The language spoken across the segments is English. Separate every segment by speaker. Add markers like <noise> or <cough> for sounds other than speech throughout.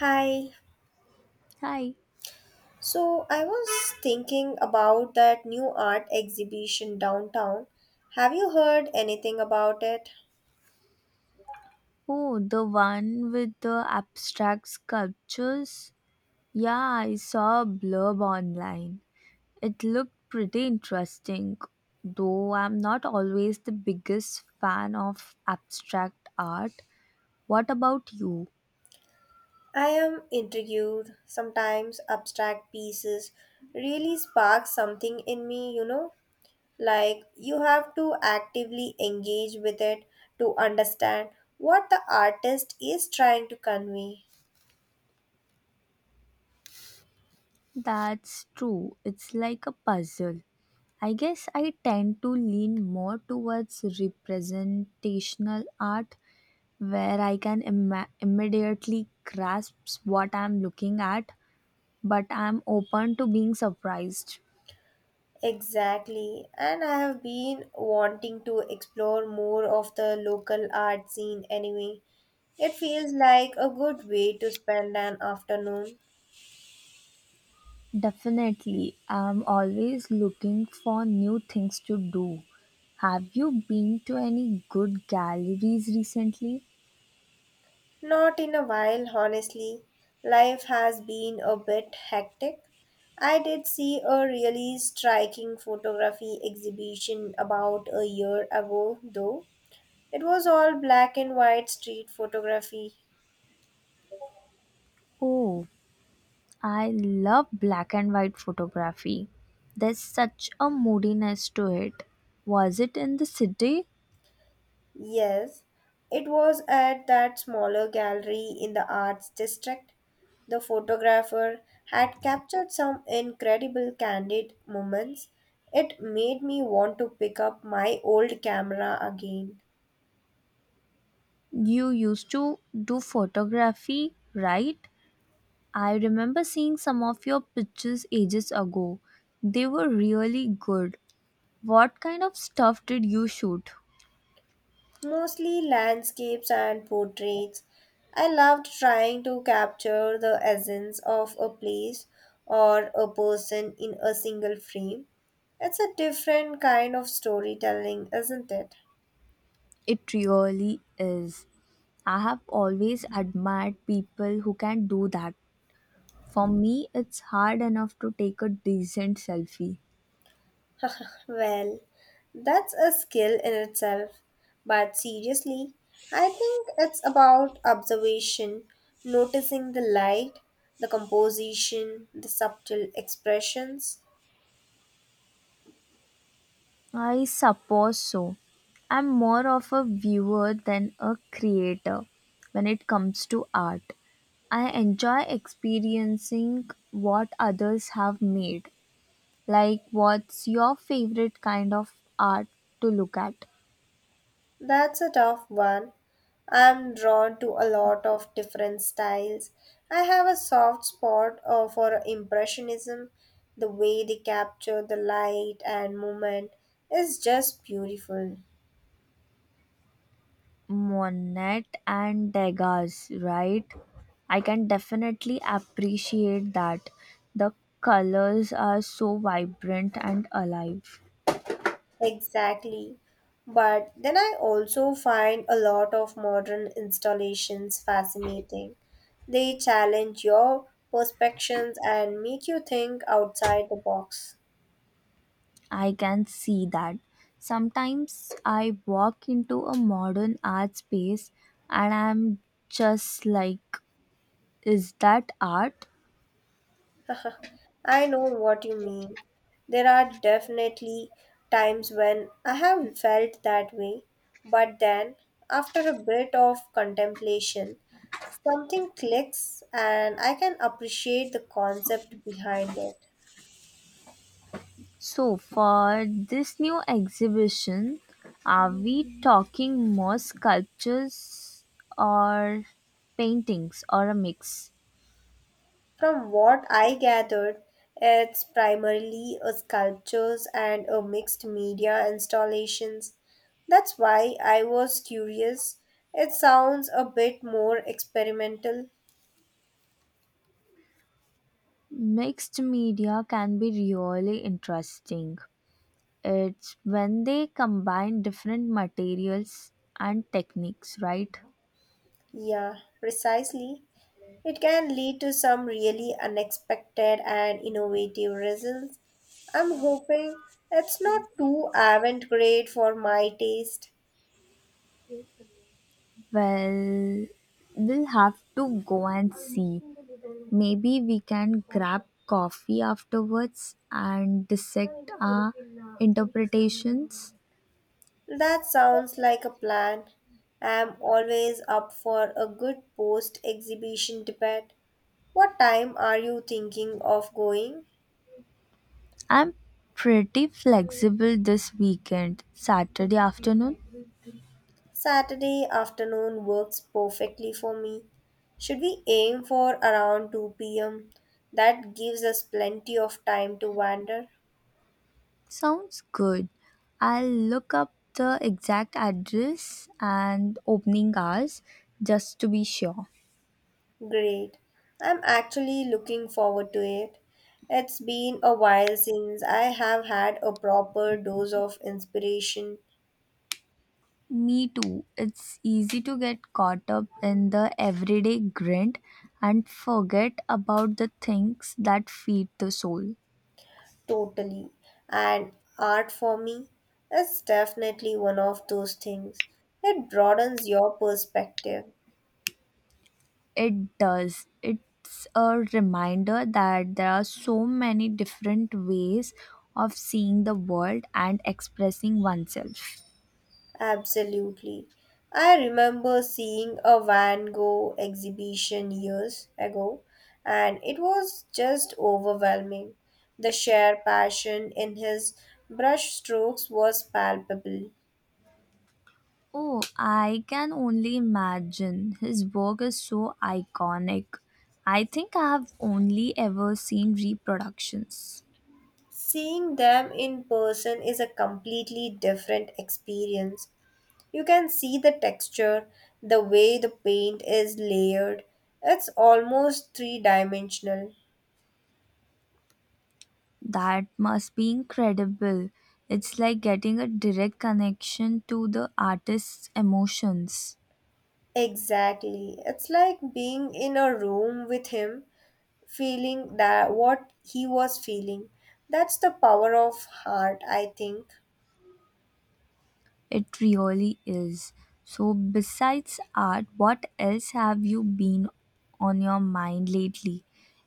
Speaker 1: Hi.
Speaker 2: Hi.
Speaker 1: So I was thinking about that new art exhibition downtown. Have you heard anything about it?
Speaker 2: Oh, the one with the abstract sculptures? Yeah, I saw a blurb online. It looked pretty interesting, though I'm not always the biggest fan of abstract art. What about you?
Speaker 1: I am intrigued. Sometimes abstract pieces really spark something in me, you know? Like you have to actively engage with it to understand what the artist is trying to convey.
Speaker 2: That's true. It's like a puzzle. I guess I tend to lean more towards representational art where I can immediately grasp what I'm looking at, but I'm open to being surprised.
Speaker 1: Exactly, and I have been wanting to explore more of the local art scene anyway. It feels like a good way to spend an afternoon.
Speaker 2: Definitely, I'm always looking for new things to do. Have you been to any good galleries recently?
Speaker 1: Not in a while, honestly. Life has been a bit hectic. I did see a really striking photography exhibition about a year ago, though. It was all black and white street photography.
Speaker 2: Oh, I love black and white photography. There's such a moodiness to it. Was it in the city?
Speaker 1: Yes, it was at that smaller gallery in the arts district. The photographer had captured some incredible candid moments. It made me want to pick up my old camera again.
Speaker 2: You used to do photography, right? I remember seeing some of your pictures ages ago. They were really good. What kind of stuff did you shoot?
Speaker 1: Mostly landscapes and portraits. I loved trying to capture the essence of a place or a person in a single frame. It's a different kind of storytelling, isn't it?
Speaker 2: It really is. I have always admired people who can do that. For me, it's hard enough to take a decent selfie.
Speaker 1: Well, that's a skill in itself. But seriously, I think it's about observation, noticing the light, the composition, the subtle expressions.
Speaker 2: I suppose so. I'm more of a viewer than a creator when it comes to art. I enjoy experiencing what others have made. Like, what's your favorite kind of art to look at?
Speaker 1: That's a tough one. I'm drawn to a lot of different styles. I have a soft spot for Impressionism. The way they capture the light and movement is just beautiful.
Speaker 2: Monet and Degas, right? I can definitely appreciate that. The colors are so vibrant and alive.
Speaker 1: Exactly. But then I also find a lot of modern installations fascinating. They challenge your perceptions and make you think outside the box.
Speaker 2: I can see that. Sometimes I walk into a modern art space and I'm just like, is that art?
Speaker 1: <laughs> I know what you mean. There are definitely times when I have felt that way, but then after a bit of contemplation, something clicks and I can appreciate the concept behind it.
Speaker 2: So, for this new exhibition, are we talking more sculptures or paintings or a mix?
Speaker 1: From what I gathered, it's primarily a sculptures and a mixed media installations. That's why I was curious. It sounds a bit more experimental.
Speaker 2: Mixed media can be really interesting. It's when they combine different materials and techniques, right?
Speaker 1: Yeah, precisely. It can lead to some really unexpected and innovative results. I'm hoping it's not too avant-garde for my taste.
Speaker 2: Well, we'll have to go and see. Maybe we can grab coffee afterwards and dissect our interpretations.
Speaker 1: That sounds like a plan. I'm always up for a good post exhibition debate. What time are you thinking of going?
Speaker 2: I'm pretty flexible this weekend, Saturday afternoon.
Speaker 1: Saturday afternoon works perfectly for me. Should we aim for around 2 p.m.? That gives us plenty of time to wander.
Speaker 2: Sounds good. I'll look up the exact address and opening hours just to be sure.
Speaker 1: Great. I'm actually looking forward to it. It's been a while since I have had a proper dose of inspiration.
Speaker 2: Me too. It's easy to get caught up in the everyday grind and forget about the things that feed the soul.
Speaker 1: Totally. And art for me is definitely one of those things. It broadens your perspective.
Speaker 2: It does. It's a reminder that there are so many different ways of seeing the world and expressing oneself.
Speaker 1: Absolutely. I remember seeing a Van Gogh exhibition years ago, and it was just overwhelming. The sheer passion in his brush strokes was palpable.
Speaker 2: Oh, I can only imagine. His work is so iconic. I think I have only ever seen reproductions.
Speaker 1: Seeing them in person is a completely different experience. You can see the texture, the way the paint is layered. It's almost three dimensional.
Speaker 2: That must be incredible. It's like getting a direct connection to the artist's emotions.
Speaker 1: Exactly. It's like being in a room with him, feeling that what he was feeling. That's the power of art, I think.
Speaker 2: It really is. So, besides art, what else have you been on your mind lately?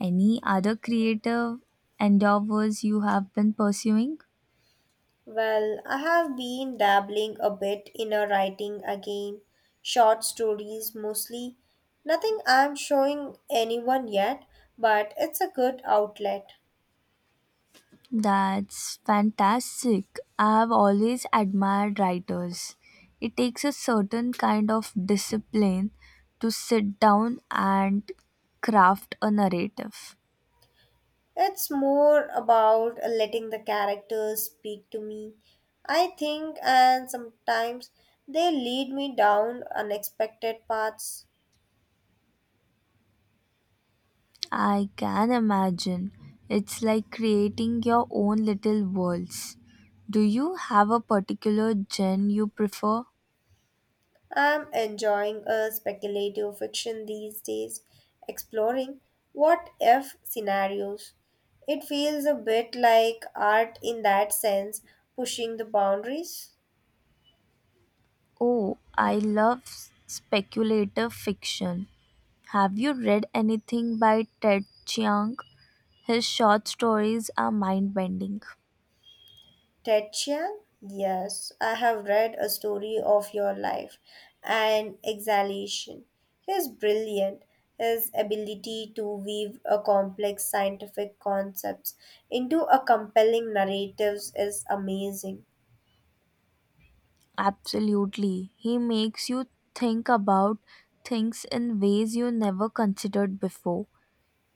Speaker 2: Any other creative endeavors you have been pursuing?
Speaker 1: Well, I have been dabbling a bit in a writing again, short stories mostly. Nothing I'm showing anyone yet, but it's a good outlet.
Speaker 2: That's fantastic. I have always admired writers. It takes a certain kind of discipline to sit down and craft a narrative.
Speaker 1: It's more about letting the characters speak to me, I think, and sometimes they lead me down unexpected paths.
Speaker 2: I can imagine. It's like creating your own little worlds. Do you have a particular genre you prefer?
Speaker 1: I'm enjoying a speculative fiction these days, exploring what if scenarios. It feels a bit like art in that sense, pushing the boundaries.
Speaker 2: Oh, I love speculative fiction. Have you read anything by Ted Chiang? His short stories are mind bending.
Speaker 1: Ted Chiang? Yes, I have read A Story of Your Life and Exhalation. He is brilliant. His ability to weave a complex scientific concepts into a compelling narratives is amazing.
Speaker 2: Absolutely. He makes you think about things in ways you never considered before.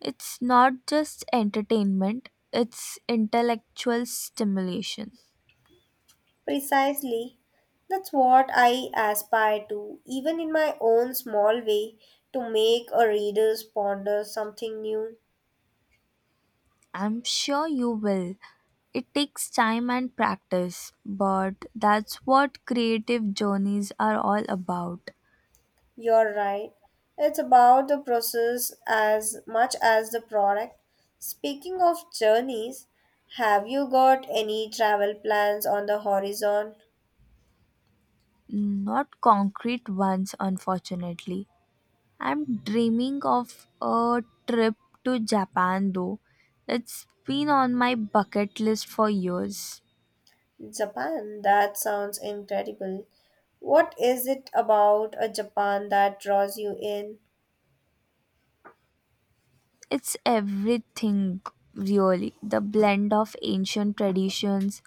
Speaker 2: It's not just entertainment, it's intellectual stimulation.
Speaker 1: Precisely. That's what I aspire to, even in my own small way, to make a reader ponder something new.
Speaker 2: I'm sure you will. It takes time and practice, but that's what creative journeys are all about.
Speaker 1: You're right. It's about the process as much as the product. Speaking of journeys, have you got any travel plans on the horizon?
Speaker 2: Not concrete ones, unfortunately. I'm dreaming of a trip to Japan though. It's been on my bucket list for years.
Speaker 1: Japan, that sounds incredible. What is it about a Japan that draws you in?
Speaker 2: It's everything, really. The blend of ancient traditions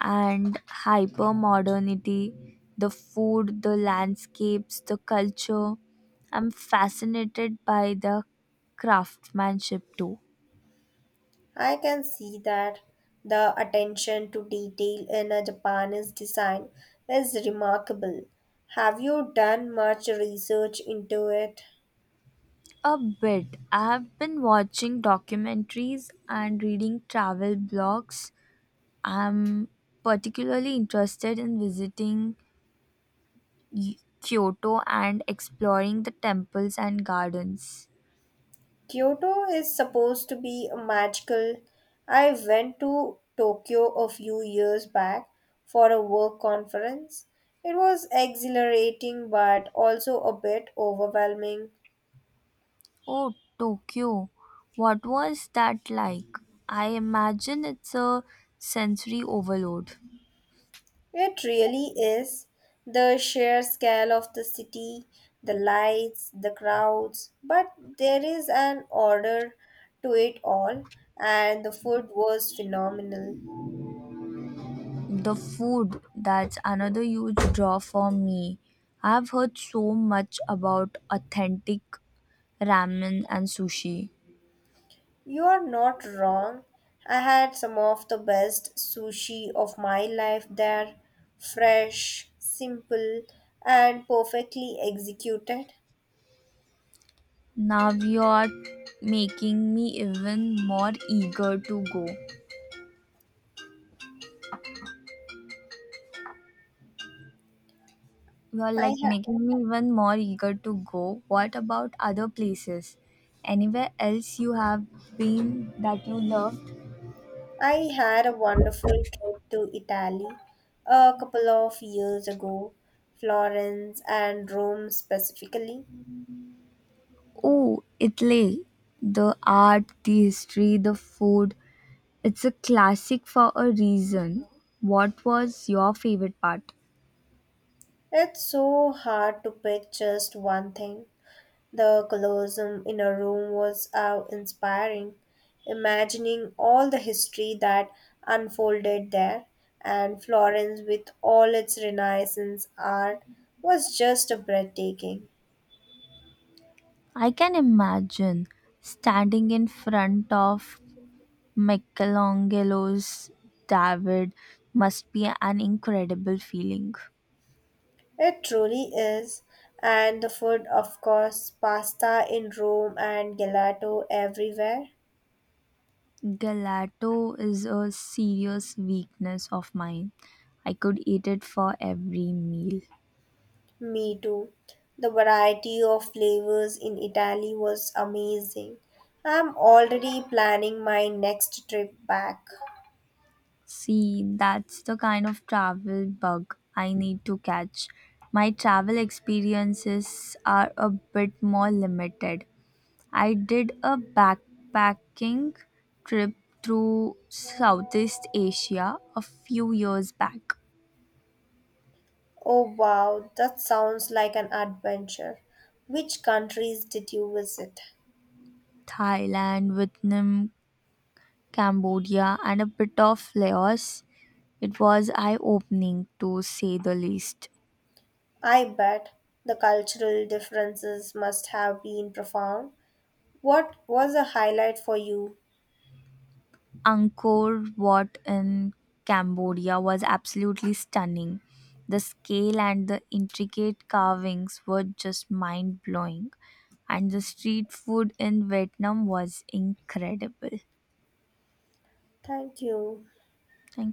Speaker 2: and hyper modernity, the food, the landscapes, the culture. I'm fascinated by the craftsmanship too.
Speaker 1: I can see that the attention to detail in a Japanese design is remarkable. Have you done much research into it?
Speaker 2: A bit. I have been watching documentaries and reading travel blogs. I'm particularly interested in visiting Kyoto and exploring the temples and gardens.
Speaker 1: Kyoto is supposed to be magical. I went to Tokyo a few years back for a work conference. It was exhilarating but also a bit overwhelming.
Speaker 2: Oh, Tokyo. What was that like? I imagine it's a sensory overload.
Speaker 1: It really is. The sheer scale of the city, the lights, the crowds, but there is an order to it all, and the food was phenomenal.
Speaker 2: The food, that's another huge draw for me. I've heard so much about authentic ramen and sushi.
Speaker 1: You are not wrong. I had some of the best sushi of my life there. Fresh, simple, and perfectly executed.
Speaker 2: Now you're making me even more eager to go. You're
Speaker 1: I,
Speaker 2: like
Speaker 1: ha-
Speaker 2: making me even more eager to go. What about other places? Anywhere else you have been that you love?
Speaker 1: I had a wonderful trip to Italy a couple of years ago, Florence and Rome specifically.
Speaker 2: Oh, Italy. The art, the history, the food. It's a classic for a reason. What was your favorite part?
Speaker 1: It's so hard to pick just one thing. The colosseum in a room was awe inspiring, imagining all the history that unfolded there, and Florence, with all its Renaissance art, was just breathtaking.
Speaker 2: I can imagine standing in front of Michelangelo's David must be an incredible feeling.
Speaker 1: It truly is. And the food, of course, pasta in Rome and gelato everywhere.
Speaker 2: Gelato is a serious weakness of mine. I could eat it for every meal.
Speaker 1: Me too. The variety of flavors in Italy was amazing. I'm already planning my next trip back.
Speaker 2: See, that's the kind of travel bug I need to catch. My travel experiences are a bit more limited. I did a backpacking trip through Southeast Asia a few years back.
Speaker 1: Oh wow, that sounds like an adventure. Which countries did you visit?
Speaker 2: Thailand, Vietnam, Cambodia, and a bit of Laos. It was eye opening to say the least.
Speaker 1: I bet the cultural differences must have been profound. What was a highlight for you?
Speaker 2: Angkor Wat in Cambodia was absolutely stunning. The scale and the intricate carvings were just mind blowing, and the street food in Vietnam was incredible.
Speaker 1: Thank you.
Speaker 2: Thank